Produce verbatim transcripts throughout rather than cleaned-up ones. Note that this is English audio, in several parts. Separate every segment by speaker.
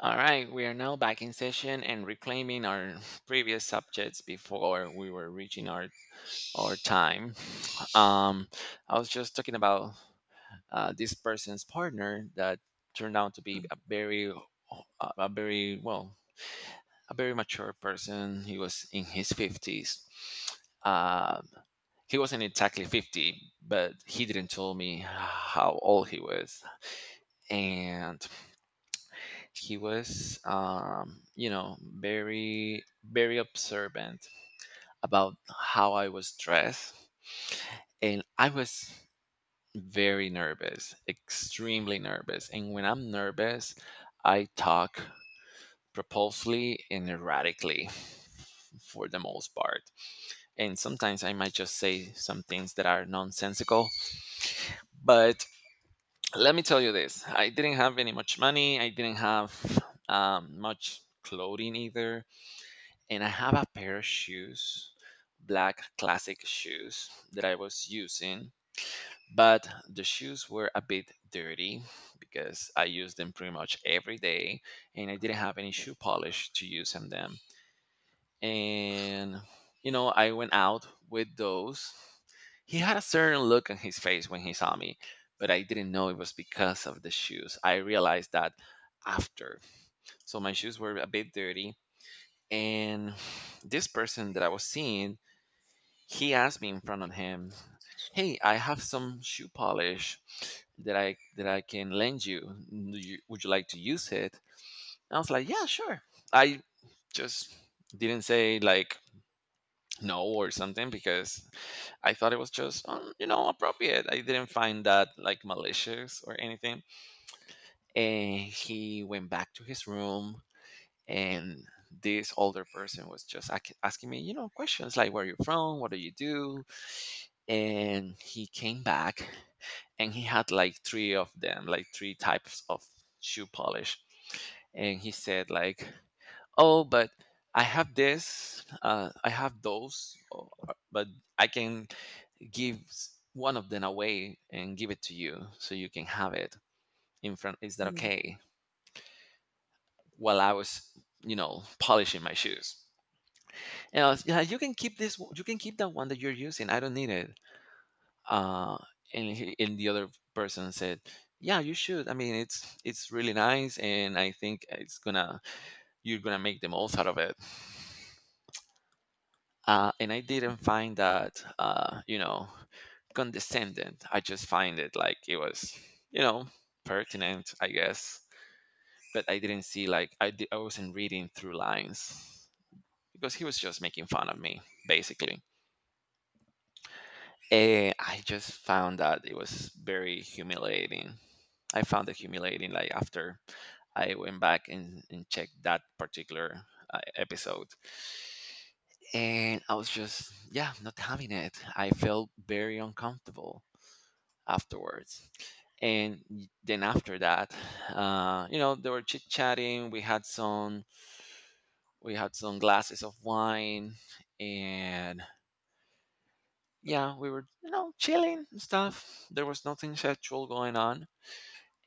Speaker 1: All right, we are now back in session and reclaiming our previous subjects before we were reaching our our time. Um, I was just talking about uh, this person's partner that turned out to be a very a a very well a very mature person. He was in his fifties. Um, he wasn't exactly fifty, but he didn't tell me how old he was. And he was um, you know very very observant about how I was dressed, and I was very nervous, extremely nervous. And when I'm nervous, I talk propulsively and erratically for the most part. And sometimes I might just say some things that are nonsensical. But let me tell you this. I didn't have any much money. I didn't have um, much clothing either. And I have a pair of shoes, black classic shoes that I was using, but the shoes were a bit dirty because I used them pretty much every day, and I didn't have any shoe polish to use on them. And you know, I went out with those. He had a certain look on his face when he saw me, but I didn't know it was because of the shoes. I realized that after. So my shoes were a bit dirty, and this person that I was seeing, he asked me in front of him, "Hey, I have some shoe polish that I that I can lend you. Do you- Would you like to use it?" I was like, "Yeah, sure." I just didn't say like no or something because I thought it was just um, you know appropriate. I didn't find that like malicious or anything. And he went back to his room. And this older person was just ac- asking me you know questions like, where are you from, what do you do. And he came back, and he had like three of them, like three types of shoe polish. And he said like, "Oh, but I have this, uh, I have those. oh, uh, but I can give s- one of them away and give it to you, so you can have it in front. Is that
Speaker 2: Mm,
Speaker 1: okay, while I was you know polishing my shoes? Yeah, yeah, you can keep this. w- You can keep that one that you're using. I don't need it." Uh, and he, and the other person said, "Yeah, you should. I mean, it's it's really nice, and I think it's gonna you're gonna make the most out of it." Uh, and I didn't
Speaker 2: mhm,
Speaker 1: find that uh, you know condescending. I just find it like it was you know pertinent, I guess. But I didn't see like I di- I wasn't reading through lines, because he was just making fun of me basically. Eh, I just found that it was very humiliating. I found it humiliating. Like after I went back and, and checked that particular uh, episode, and I was just, yeah, not having it. I felt very uncomfortable afterwards. And y- then after that, uh, you know, they were chit chatting. We had some we had some glasses of wine, and yeah, we were you know chilling and stuff. There was nothing sexual going on.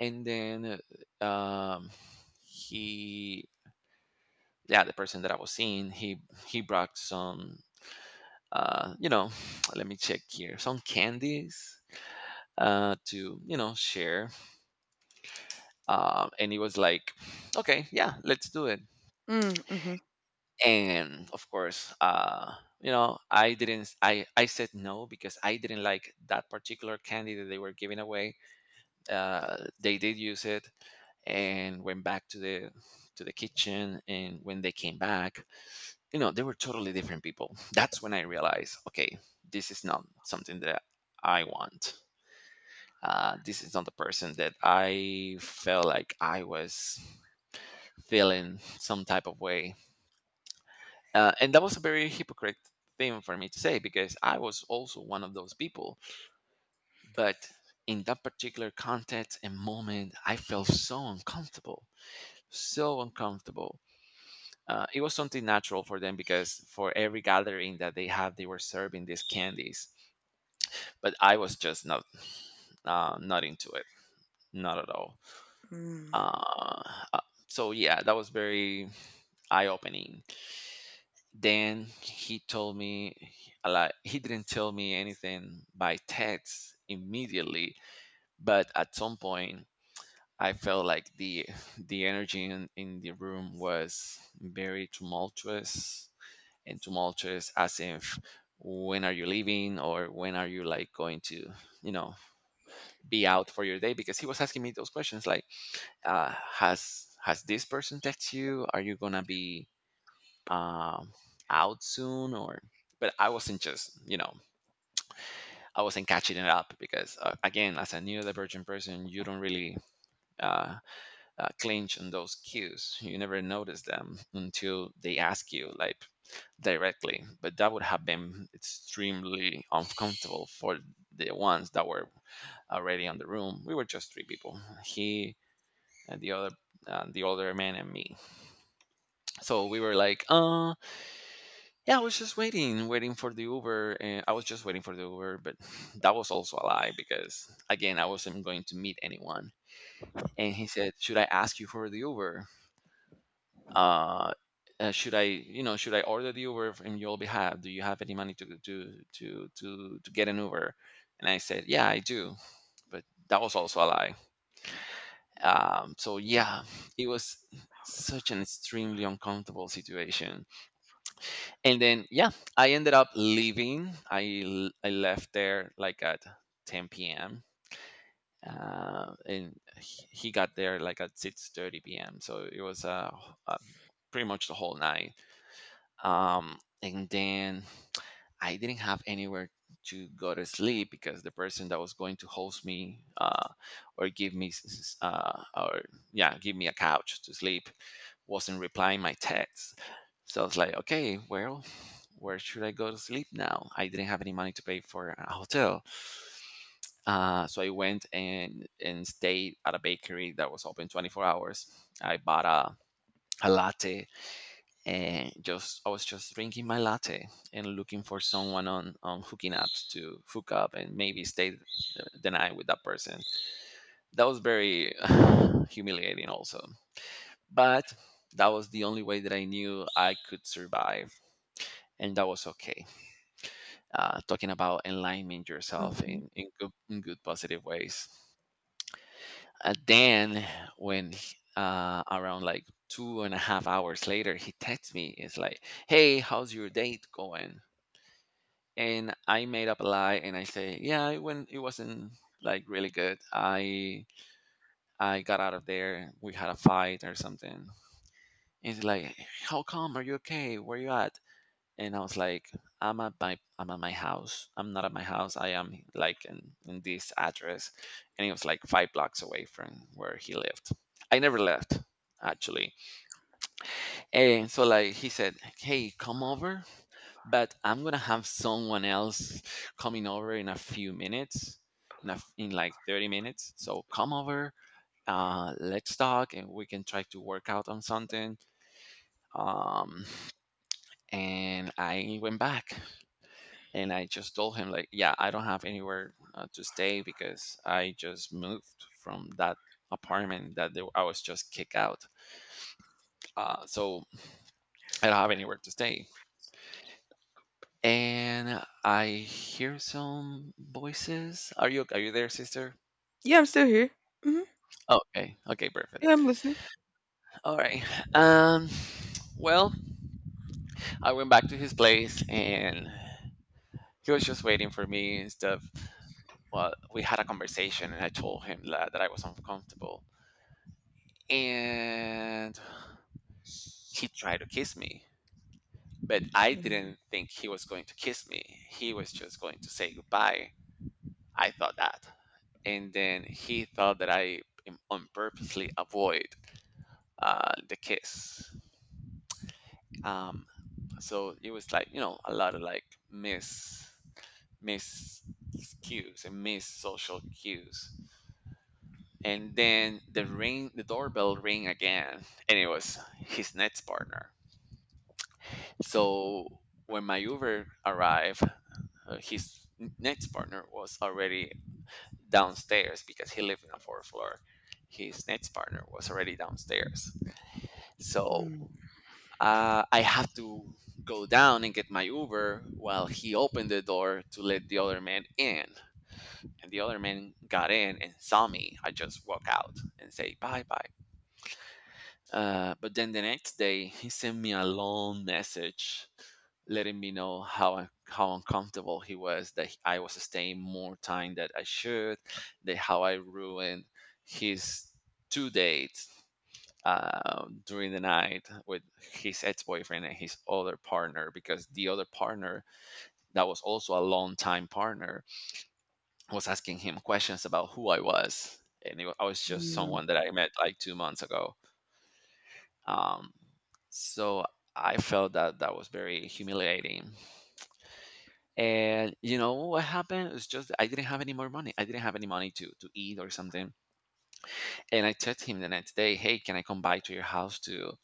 Speaker 1: And then uh, um, he yeah the person that I was seeing, he he brought some uh you know let me check here, some candies uh to you know share, um and he was like, okay, yeah, let's do it.
Speaker 2: mm, mhm,
Speaker 1: And of course, uh you know I didn't s- I I said no, because I didn't like that particular candy that they were giving away. Uh they did use it and went back to the to the kitchen, and when they came back, you know, they were totally different people. That's when I realized, okay, this is not something that I want. Uh, this is not the person that I felt like I was feeling some type of way. Uh, and that was a very hypocrite thing for me to say, because I was also one of those people. But in that particular context and moment, I felt so uncomfortable, so uncomfortable. Uh, it was something natural for them, because for every gathering that they have, they were serving these candies. But I was just not uh, not into it, not at all.
Speaker 2: Mm.
Speaker 1: Uh, uh, so yeah, that was very eye opening. Then he told me a lot. He didn't tell me anything by text immediately, but at some point. I felt like the the energy in, in the room was very tumultuous, and tumultuous as if, when are you leaving, or when are you like going to you know be out for your day, because he was asking me those questions like, uh, has has this person text you, are you gonna be um, out soon, or. But I wasn't just you know I wasn't catching it up, because uh, again, as a neurodivergent person, you don't really uh, uh, clinch on those cues. You never notice them until they ask you like directly, but that would have been extremely uncomfortable for the ones that were already on the room. We were just three people: he and the other, uh, the older man and me. So we were like, uh, yeah, I was just waiting, waiting for the Uber, and I was just waiting for the Uber, but that was also a lie, because again, I wasn't going to meet anyone. And he said, should I ask you for the Uber? Uh, uh, should I, you know, should I order the Uber from your behalf? Do you have any money to to to to to get an Uber? And I said, yeah, I do, but that was also a lie. Um, so yeah, it was such an extremely uncomfortable situation. And then, yeah, I ended up leaving. i l- I left there like at ten p m p.m., uh, and he he got there like at six thirty p m., so it was uh, h- uh pretty much the whole night. Um and then I didn't have anywhere to go to sleep, because the person that was going to host me, uh, or give me s- s- uh, or yeah, give me a couch to sleep, wasn't replying my texts. So I was like, okay, well, where should I go to sleep now? I didn't have any money to pay for a hotel, uh, so I went and and stayed at a bakery that was open twenty-four hours. I bought a a latte. Uh, just I was just drinking my latte and looking for someone on on hooking up to hook up and maybe stay the the night with that person. That was very humiliating, also. But that was the only way that I knew I could survive, and that was okay. Uh, talking about enlightening yourself
Speaker 2: Mhm.
Speaker 1: in in good, in good positive ways. And then, when uh, around like two and a half hours later, he texts me. It's like, "Hey, how's your date going?" And I made up a lie and I say, yeah, it went, it wasn't like really good. I I got out of there. We had a fight or something. And he's like, how come? Are you okay? Where you at? And I was like, I'm at my I'm at my house. I'm not at my house. I am like in, in this address. And it was like five blocks away from where he lived. I never left actually. And so like he said, "Hey, come over, but I'm gonna have someone else coming over in a few minutes, in a, f- in like thirty minutes. So come over, uh, let's talk, and we can try to work out on something." Um, and I went back, and I just told him like, "Yeah, I don't have anywhere uh, to stay because I just moved from that." Apartment that they, I was just kicked out. Uh, so I don't have anywhere to stay. And I hear some voices. Are you are you there, sister?
Speaker 2: Yeah, I'm still here. Mhm.
Speaker 1: Okay, okay, perfect.
Speaker 2: Yeah, I'm listening.
Speaker 1: All right. Um, well, I went back to his place, and he was just waiting for me and stuff. Well, we had a conversation and I told him that, that I was uncomfortable. And he tried to kiss me, but I
Speaker 2: Mm,
Speaker 1: didn't think he was going to kiss me. He was just going to say goodbye. I thought that. And then he thought that I am- on purposely avoid uh, the kiss. Um, so it was like you know a lot of like miss miss cues and miss social cues. And then, the ring, the doorbell ring again, and it was his next partner. So when my Uber arrived, uh, his next partner was already downstairs, because he lived in a fourth floor. His next partner was already downstairs.
Speaker 2: mm,
Speaker 1: So uh, I have to go down and get my Uber while he opened the door to let the other man in. And the other man got in and saw me. I just walk out and say bye bye. Uh, but then the next day, he sent me a long message letting me know how un- how uncomfortable he was that I was staying more time than I should, that how I ruined his two dates uh, during the night with his ex-boyfriend and his other partner because the other partner that was also a long-time partner was asking him questions about who I was, and it, wa- I was just
Speaker 2: mm.
Speaker 1: someone that I met like two months ago. Um, so I felt that that was very humiliating. And you know what happened? It's just I didn't have any more money. I didn't have any money to to eat or something. And I texted him the next day, "Hey, can I come by to your house to?"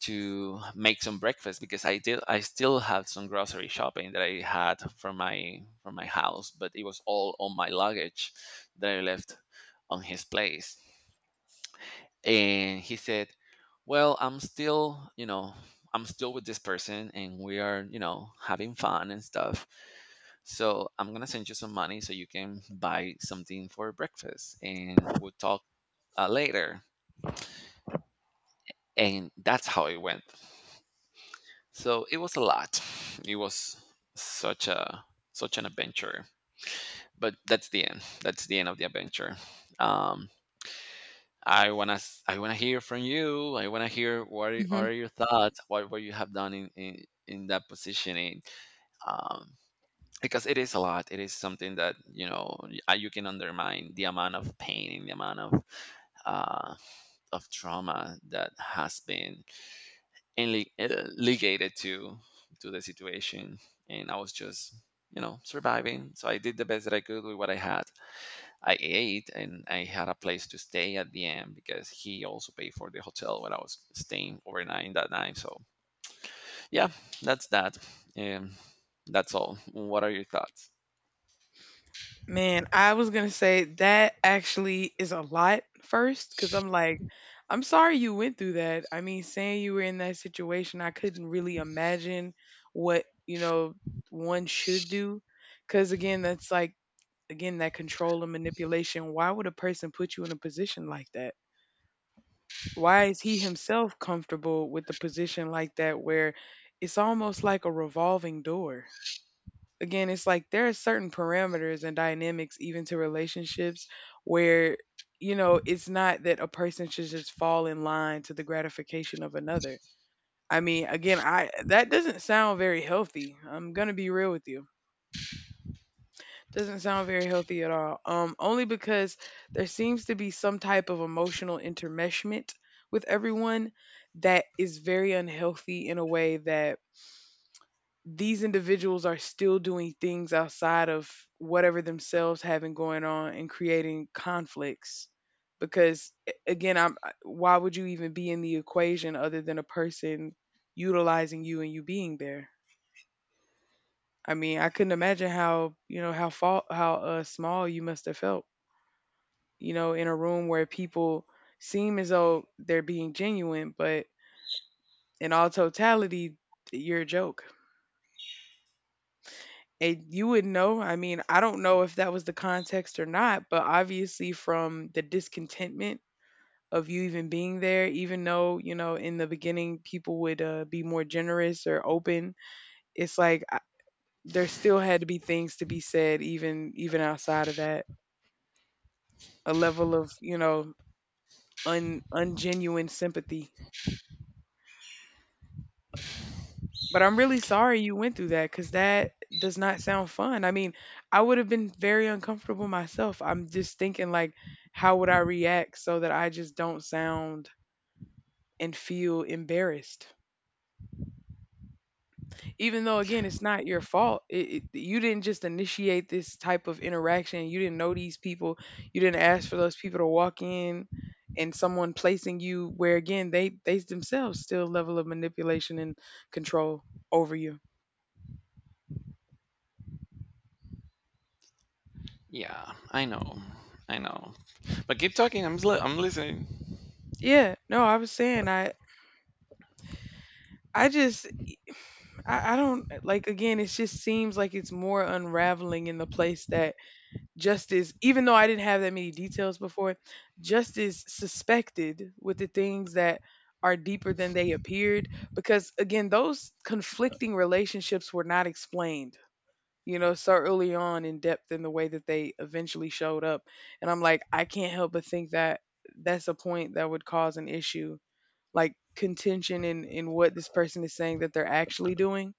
Speaker 1: to make some breakfast because I did I still had some grocery shopping that I had from my from my house, but it was all on my luggage that I left on his place. And he said, "Well, I'm still, you know, I'm still with this person and we are, you know, having fun and stuff. So, I'm going to send you some money so you can buy something for breakfast and we'll talk uh, later." And that's how it went. so it was a lot it was such a such an adventure, but that's the end that's the end of the adventure. um I want to i want to hear from you. I want to hear what are
Speaker 2: Mhm.
Speaker 1: are your thoughts, what what you have done in in, in that positioning. um because it is a lot. It is something that you know y- uh, you can undermine the amount of pain and the amount of uh of trauma that has been and li- uh, ligated to to the situation. And I was just, you know, surviving, so I did the best that I could with what I had. I ate and I had a place to stay at the end because he also paid for the hotel when I was staying overnight that night. So yeah, that's that. um, that's all. What are your thoughts?
Speaker 2: Man, I was gonna say that actually is a lot first, because I'm like, I'm sorry you went through that. I mean, saying you were in that situation, I couldn't really imagine what, you know, one should do. Because again, that's like, again, that control and manipulation. Why would a person put you in a position like that? Why is he himself comfortable with the position like that where it's almost like a revolving door? Again, it's like there are certain parameters and dynamics even to relationships where you know, it's not that a person should just fall in line to the gratification of another. I mean, again, I that doesn't sound very healthy. I'm going to be real with you. Doesn't sound very healthy at all. Um, only because there seems to be some type of emotional intermeshment with everyone that is very unhealthy in a way that these individuals are still doing things outside of whatever themselves having going on and creating conflicts. Because a- again, I'm I- why would you even be in the equation other than a person utilizing you and you being there? I mean, I couldn't imagine how you know how fa- how uh, small you must have felt. You know, in a room where people seem as though they're being genuine, but in all totality, you're a joke. And you would know, I mean, I don't know if that was the context or not, but obviously from the discontentment of you even being there, even though, you know, in the beginning people would uh, be more generous or open, it's like I, there still had to be things to be said even even outside of that. A level of, you know, un ungenuine sympathy. But I'm really sorry you went through that because that does not sound fun. I mean, I would have been very uncomfortable myself. I'm just thinking, like, how would I react so that I just don't sound and feel embarrassed? Even though, again, it's not your fault. It, it, you didn't just initiate this type of interaction. You didn't know these people. You didn't ask for those people to walk in and someone placing you where, again, they, they themselves still level of manipulation and control over you.
Speaker 1: Yeah, I know, I know, but keep talking. i'm, li- I'm listening.
Speaker 2: Yeah, no, I was saying I I just I, I don't like again, it just seems like it's more unraveling in the place that justice, even though I didn't have that many details before, justice suspected with the things that are deeper than they appeared. Because again, those conflicting relationships were not explained, you know, so early on in depth in the way that they eventually showed up. And I'm like, I can't help but think that that's a point that would cause an issue, like contention in in what this person is saying that they're actually doing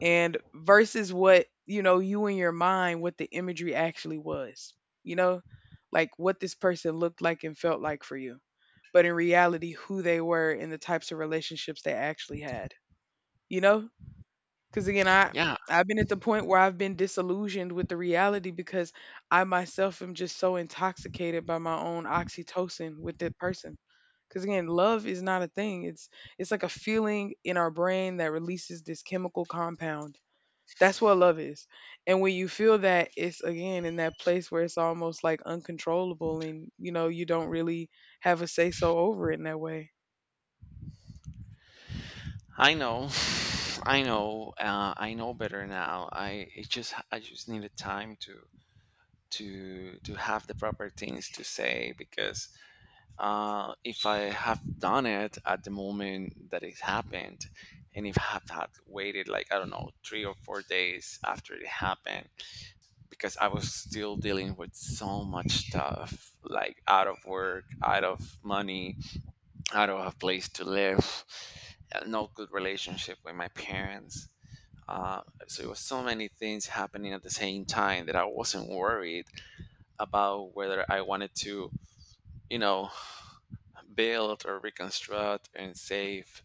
Speaker 2: and versus what you know you in your mind what the imagery actually was, you know, like what this person looked like and felt like for you, but in reality who they were and the types of relationships they actually had, you know, because again i
Speaker 1: Yeah,
Speaker 2: i've been at the point where I've been disillusioned with the reality because I myself am just so intoxicated by my own oxytocin with that person because again love is not a thing, it's it's like a feeling in our brain that releases this chemical compound. That's what love is. And when you feel that, it's again in that place where it's almost like uncontrollable and you know, you don't really have a say so over it in that way.
Speaker 1: I know. I know, uh, I know better now. I it just I just needed time to to to have the proper things to say because uh, if I have done it at the moment that it happened, and if I have had waited like I don't know three or four days after it happened, because I was still dealing with so much stuff like out of work, out of money, out of a place to live, uh, no good relationship with my parents. Uh, so it was so many things happening at the same time that I wasn't worried about whether I wanted to, you know, build or reconstruct and save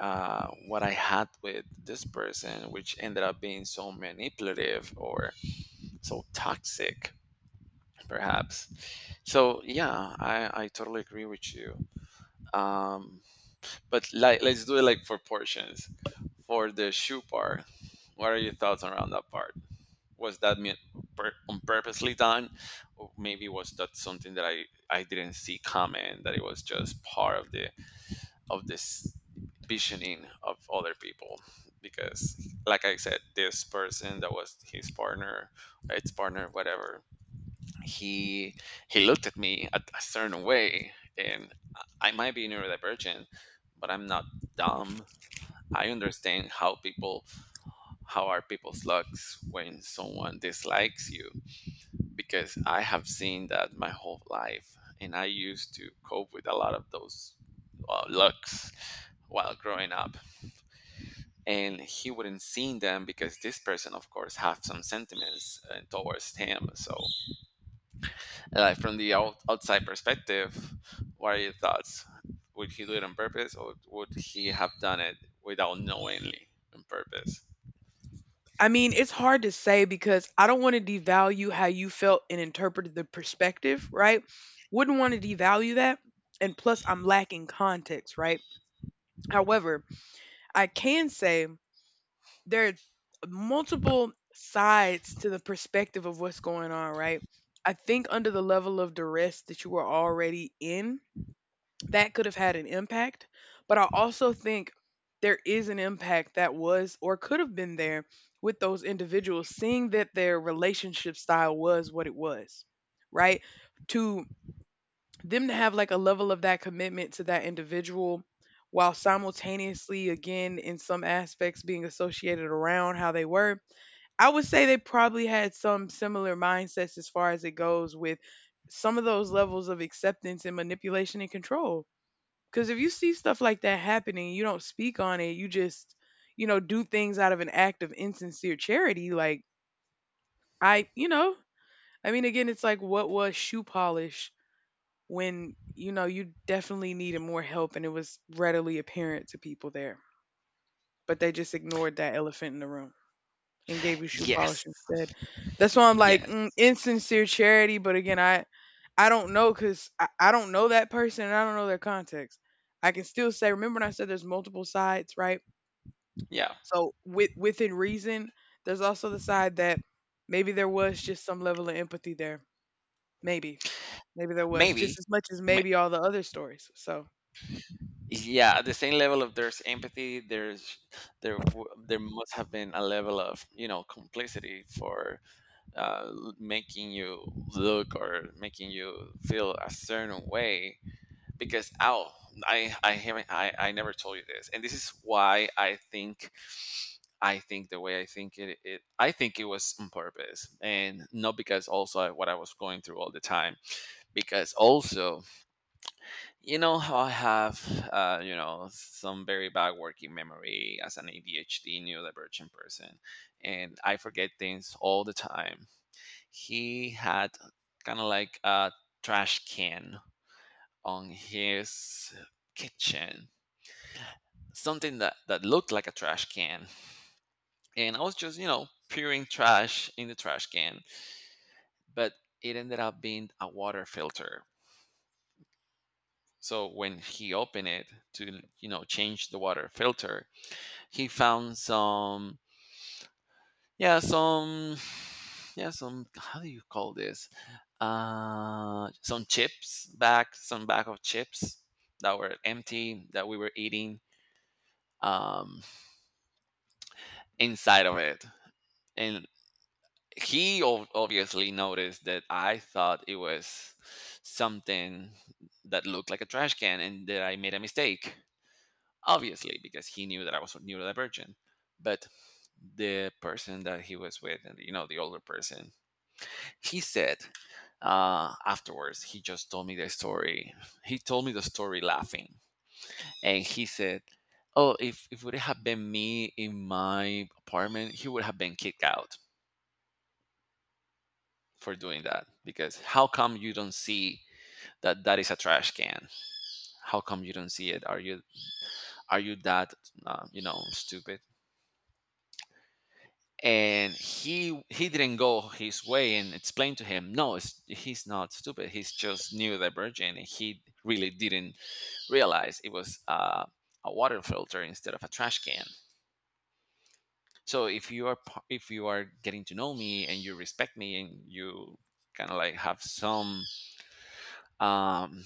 Speaker 1: uh, what I had with this person, which ended up being so manipulative or so toxic, perhaps. So yeah, I, I totally agree with you. Um, but like, let's do it like for portions. For the shoe part, what are your thoughts around that part? Was that me- pur- on purposely done, or maybe was that something that i i didn't see coming, that it was just part of the of this visioning of other people? Because like I said, this person that was his partner, its partner, whatever, he he looked at me a, a certain way. And i I might be neurodivergent, but I'm not dumb. I understand how people, how are people's looks when someone dislikes you, because I have seen that my whole life, and I used to cope with a lot of those uh, looks while growing up. And he wouldn't see them because this person, of course, have some sentiments uh, towards him. So, like from the out- outside perspective, what are your thoughts? Would he do it on purpose, or would he have done it without knowingly on purpose?
Speaker 2: I mean, it's hard to say because I don't want to devalue how you felt and interpreted the perspective, right? Wouldn't want to devalue that. And plus, I'm lacking context, right? However, I can say there are multiple sides to the perspective of what's going on, right? I think under the level of duress that you were already in, that could have had an impact. But I also think there is an impact that was or could have been there with those individuals, seeing that their relationship style was what it was, right? To them to have like a level of that commitment to that individual while simultaneously again in some aspects being associated around how they were. I would say they probably had some similar mindsets as far as it goes with some of those levels of acceptance and manipulation and control, because if you see stuff like that happening you don't speak on it, you just, you know, do things out of an act of insincere charity. Like, I, you know, I mean again, it's like what was shoe polish when you know you definitely needed more help and it was readily apparent to people there, but they just ignored that elephant in the room and gave you shoe polish
Speaker 1: Yes,
Speaker 2: instead. That's why I'm like mm,
Speaker 1: yes,
Speaker 2: insincere charity, but again i i don't know because I, I don't know that person and I don't know their context. I can still say remember when I said there's multiple sides, right?
Speaker 1: yeah,
Speaker 2: So with within reason there's also the side that maybe there was just some level of empathy there. maybe Maybe there was
Speaker 1: maybe,
Speaker 2: just as much as maybe all the other stories so.
Speaker 1: yeah, at the same level of there's empathy, there's there w- there must have been a level of, you know, complicity for uh, l- making you look or making you feel a certain way. Because oh, i i haven't i i never told you this, and this is why I think, I think the way I think it, it I think it was on purpose and not because also I, what I was going through all the time, because also, you know how I have, uh, you know, some very bad working memory as an A D H D neurodivergent person, and I forget things all the time. He had kind of like a trash can on his kitchen, something that that looked like a trash can, and I was just, you know, peering trash in the trash can, but it ended up being a water filter. So when he opened it to, you know, change the water filter, he found some, yeah, some, yeah, some. How do you call this? Uh, some chips back, some bag of chips that were empty that we were eating, um, inside of it, and he ob- obviously noticed that I thought it was something that looked like a trash can and that I made a mistake. Obviously, because he knew that I was neurodivergent. But the person that he was with, and you know, the older person, he said uh, afterwards, he just told me the story. He told me the story laughing, and he said, "Oh, if if would it have been me in my apartment, he would have been kicked out," for doing that. Because how come you don't see that that is a trash can? How come you don't see it? Are you, are you that, uh, you know, stupid? And he he didn't go his way and explain to him, no it's, he's not stupid, he's just neurodivergent, and he really didn't realize it was uh, a water filter instead of a trash can. So if you are p- if you are getting to know me and you respect me and you kind of like have some um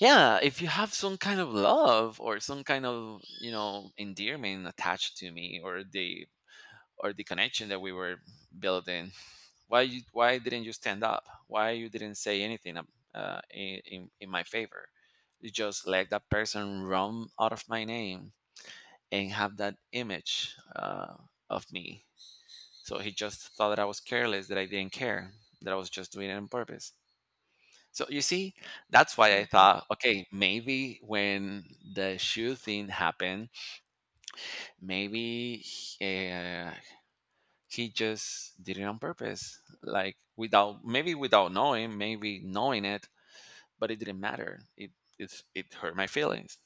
Speaker 1: yeah, if you have some kind of love or some kind of, you know, endearment attached to me or the or the connection that we were building, why you, why didn't you stand up? Why you didn't say anything? Um, uh, in, in in my favor, you just let that person run out of my name and have that image uh, of me. So he just thought that I was careless, that I didn't care, that I was just doing it on purpose. So you see, that's why I
Speaker 2: Mhm.
Speaker 1: thought, okay, maybe when the shoe thing happened, maybe uh, he just did it on purpose, like without maybe without knowing, maybe knowing it, but it didn't matter. It it's, it hurt my feelings.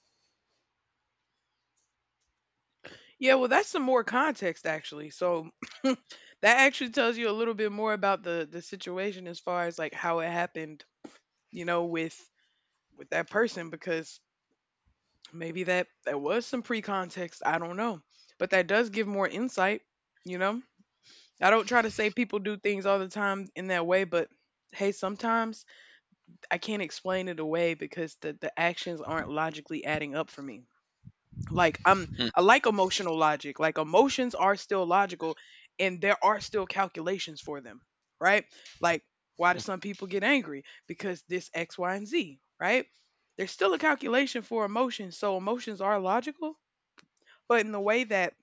Speaker 2: Yeah, well, that's some more context actually. So that actually tells you a little bit more about the the situation as far as like how it happened, you know, with with that person because maybe that that was some pre-context, I don't know. But that does give more insight, you know. I don't try to say people do things all the time in that way, but hey, sometimes I can't explain it away because the the actions aren't logically adding up for me. like I'm
Speaker 1: Mm.
Speaker 2: I like emotional logic. Like emotions are still logical and there are still calculations for them, right? Like why do some people get angry? Because this X, Y, and Z, right? There's still a calculation for emotions, so emotions are logical, but in the way that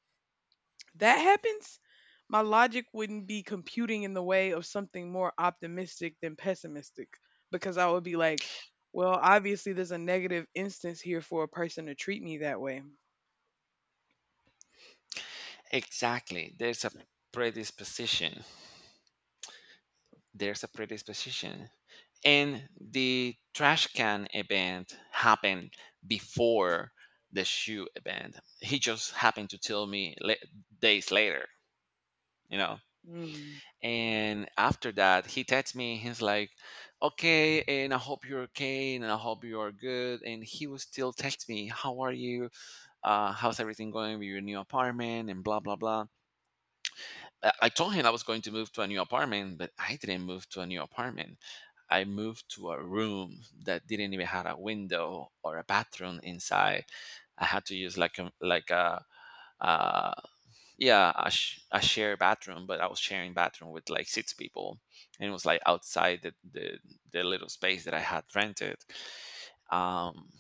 Speaker 2: that happens, my logic wouldn't be computing in the way of something more optimistic than pessimistic because I would be like, well, obviously there's a negative instance here for a person to treat me that way.
Speaker 1: Exactly, there's a predisposition, there's a predisposition and the trash can event happened before the shoe event. He just happened to tell me la- days later, you know.
Speaker 2: Mm.
Speaker 1: And after that, he texts me. He's like, "Okay, and I hope you're okay, and I hope you are good." And he will still text me, "How are you? Uh, how's everything going with your new apartment?" And blah blah blah. I I told him I was going to move to a new apartment, but I didn't move to a new apartment. I moved to a room that didn't even have a window or a bathroom inside. I had to use like a like a, uh yeah I, sh- I share a bathroom, but I was sharing bathroom with like six people, and it was like outside the the, the little space that I had rented. um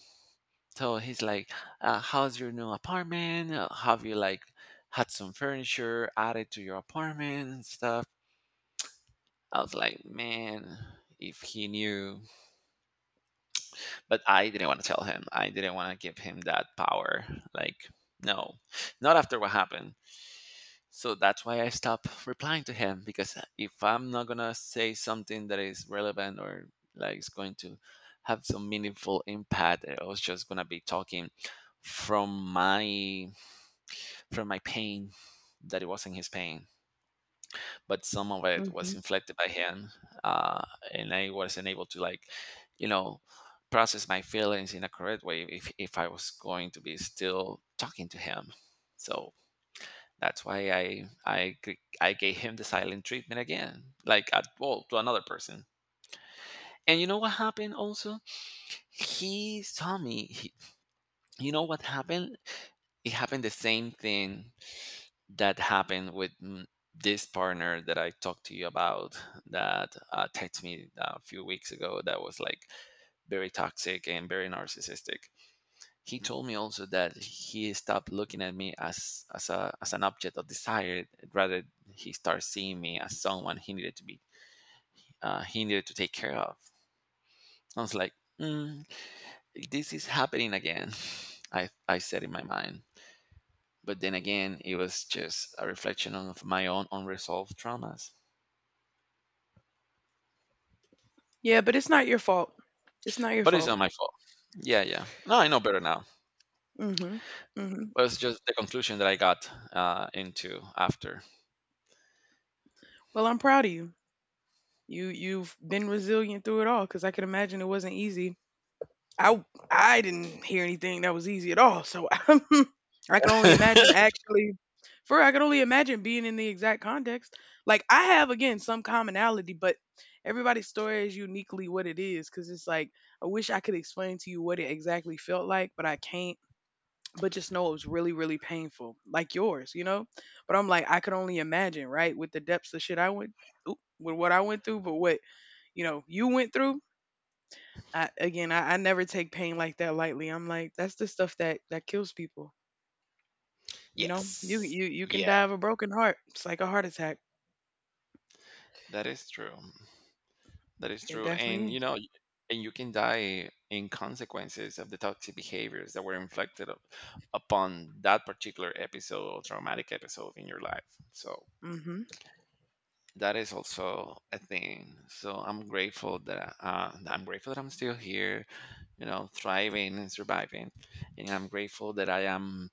Speaker 1: so he's like, uh, how's your new apartment? Uh, have you like had some furniture added to your apartment and stuff? I was like, man, if he knew. But I didn't want to tell him. I didn't want to give him that power. Like, no, not after what happened. So that's why I stopped replying to him, because uh, if I'm not gonna say something that is relevant or like is going to have some meaningful impact, I was just gonna be talking from my from my pain that it wasn't his pain, but some of it was
Speaker 2: Mhm.
Speaker 1: inflicted by him, uh, and I wasn't able to like, you know, process my feelings in a correct way if if I was going to be still talking to him. So that's why I I g- I gave him the silent treatment again, like at well to another person. And you know what happened also? He saw me. He, you know what happened? It happened the same thing that happened with mm, this partner that I talked to you about that uh, texted me a few weeks ago, that was like very toxic and very narcissistic. He told me also that he stopped looking at me as as a as an object of desire, rather he started seeing me as someone he needed to be, uh, he needed to take care of. I was like, mm, this is happening again. I I said in my mind, but then again, it was just a reflection of my own unresolved traumas.
Speaker 2: Yeah, but it's not your fault. It's not your
Speaker 1: But it's
Speaker 2: fault.
Speaker 1: not my fault. Yeah, yeah. No, I know better now.
Speaker 2: Mhm. Mhm.
Speaker 1: But it's just the conclusion that I got uh, into after.
Speaker 2: Well, I'm proud of you. You you've been resilient through it all because I can imagine it wasn't easy. I I didn't hear anything that was easy at all. So I can only imagine actually for I can only imagine being in the exact context. Like I have again some commonality, but everybody's story is uniquely what it is because it's like I wish I could explain to you what it exactly felt like, but I can't. But just know it was really really painful like yours, you know, but I'm like I could only imagine, right, with the depths of shit I went oop, with what I went through but what you know you went through. I, again I, I never take pain like that lightly. I'm like that's the stuff that that kills people, you know. You
Speaker 1: Yes.
Speaker 2: you you can
Speaker 1: Yeah,
Speaker 2: die of a broken heart. It's like a heart attack.
Speaker 1: that is true. That is
Speaker 2: It
Speaker 1: true.
Speaker 2: definitely
Speaker 1: And you
Speaker 2: is.
Speaker 1: know, y- and you can die in consequences of the toxic behaviors that were inflicted up- upon that particular episode or traumatic episode in your life. So
Speaker 2: Mm-hmm.
Speaker 1: that is also a thing. So I'm grateful that uh, I'm grateful that I'm still here, you know, thriving and surviving. And I'm grateful that I am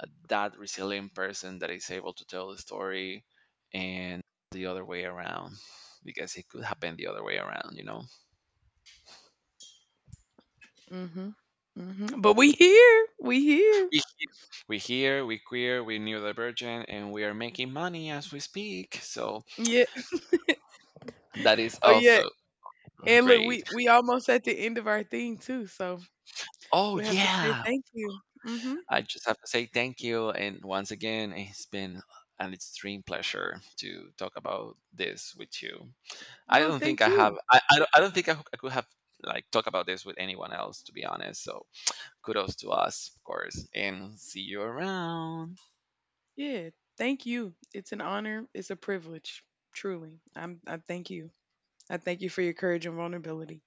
Speaker 1: uh, that resilient person that is able to tell the story and the other way around, because it could happen the other way around, you know.
Speaker 2: Mm-hmm. Mm-hmm, but we here, we here.
Speaker 1: We he- we here, we queer, we neurodivergent, and we are making money as we speak. So
Speaker 2: Yeah.
Speaker 1: that is
Speaker 2: Oh yeah,
Speaker 1: also
Speaker 2: and look,
Speaker 1: great.
Speaker 2: we we almost at the end of our thing too, so
Speaker 1: Oh
Speaker 2: we have to say
Speaker 1: yeah,
Speaker 2: thank you. Mm-hmm.
Speaker 1: I just have to say thank you, and once again, it's been an extreme pleasure to talk about this with you. I
Speaker 2: No,
Speaker 1: don't think
Speaker 2: thank
Speaker 1: I have.
Speaker 2: you.
Speaker 1: I I don't, I don't think I, I could have like talk about this with anyone else, to be honest. So kudos to us, of course, and see you around.
Speaker 2: Yeah, thank you. It's an honor. It's a privilege. Truly, I'm. I thank you. I thank you for your courage and vulnerability.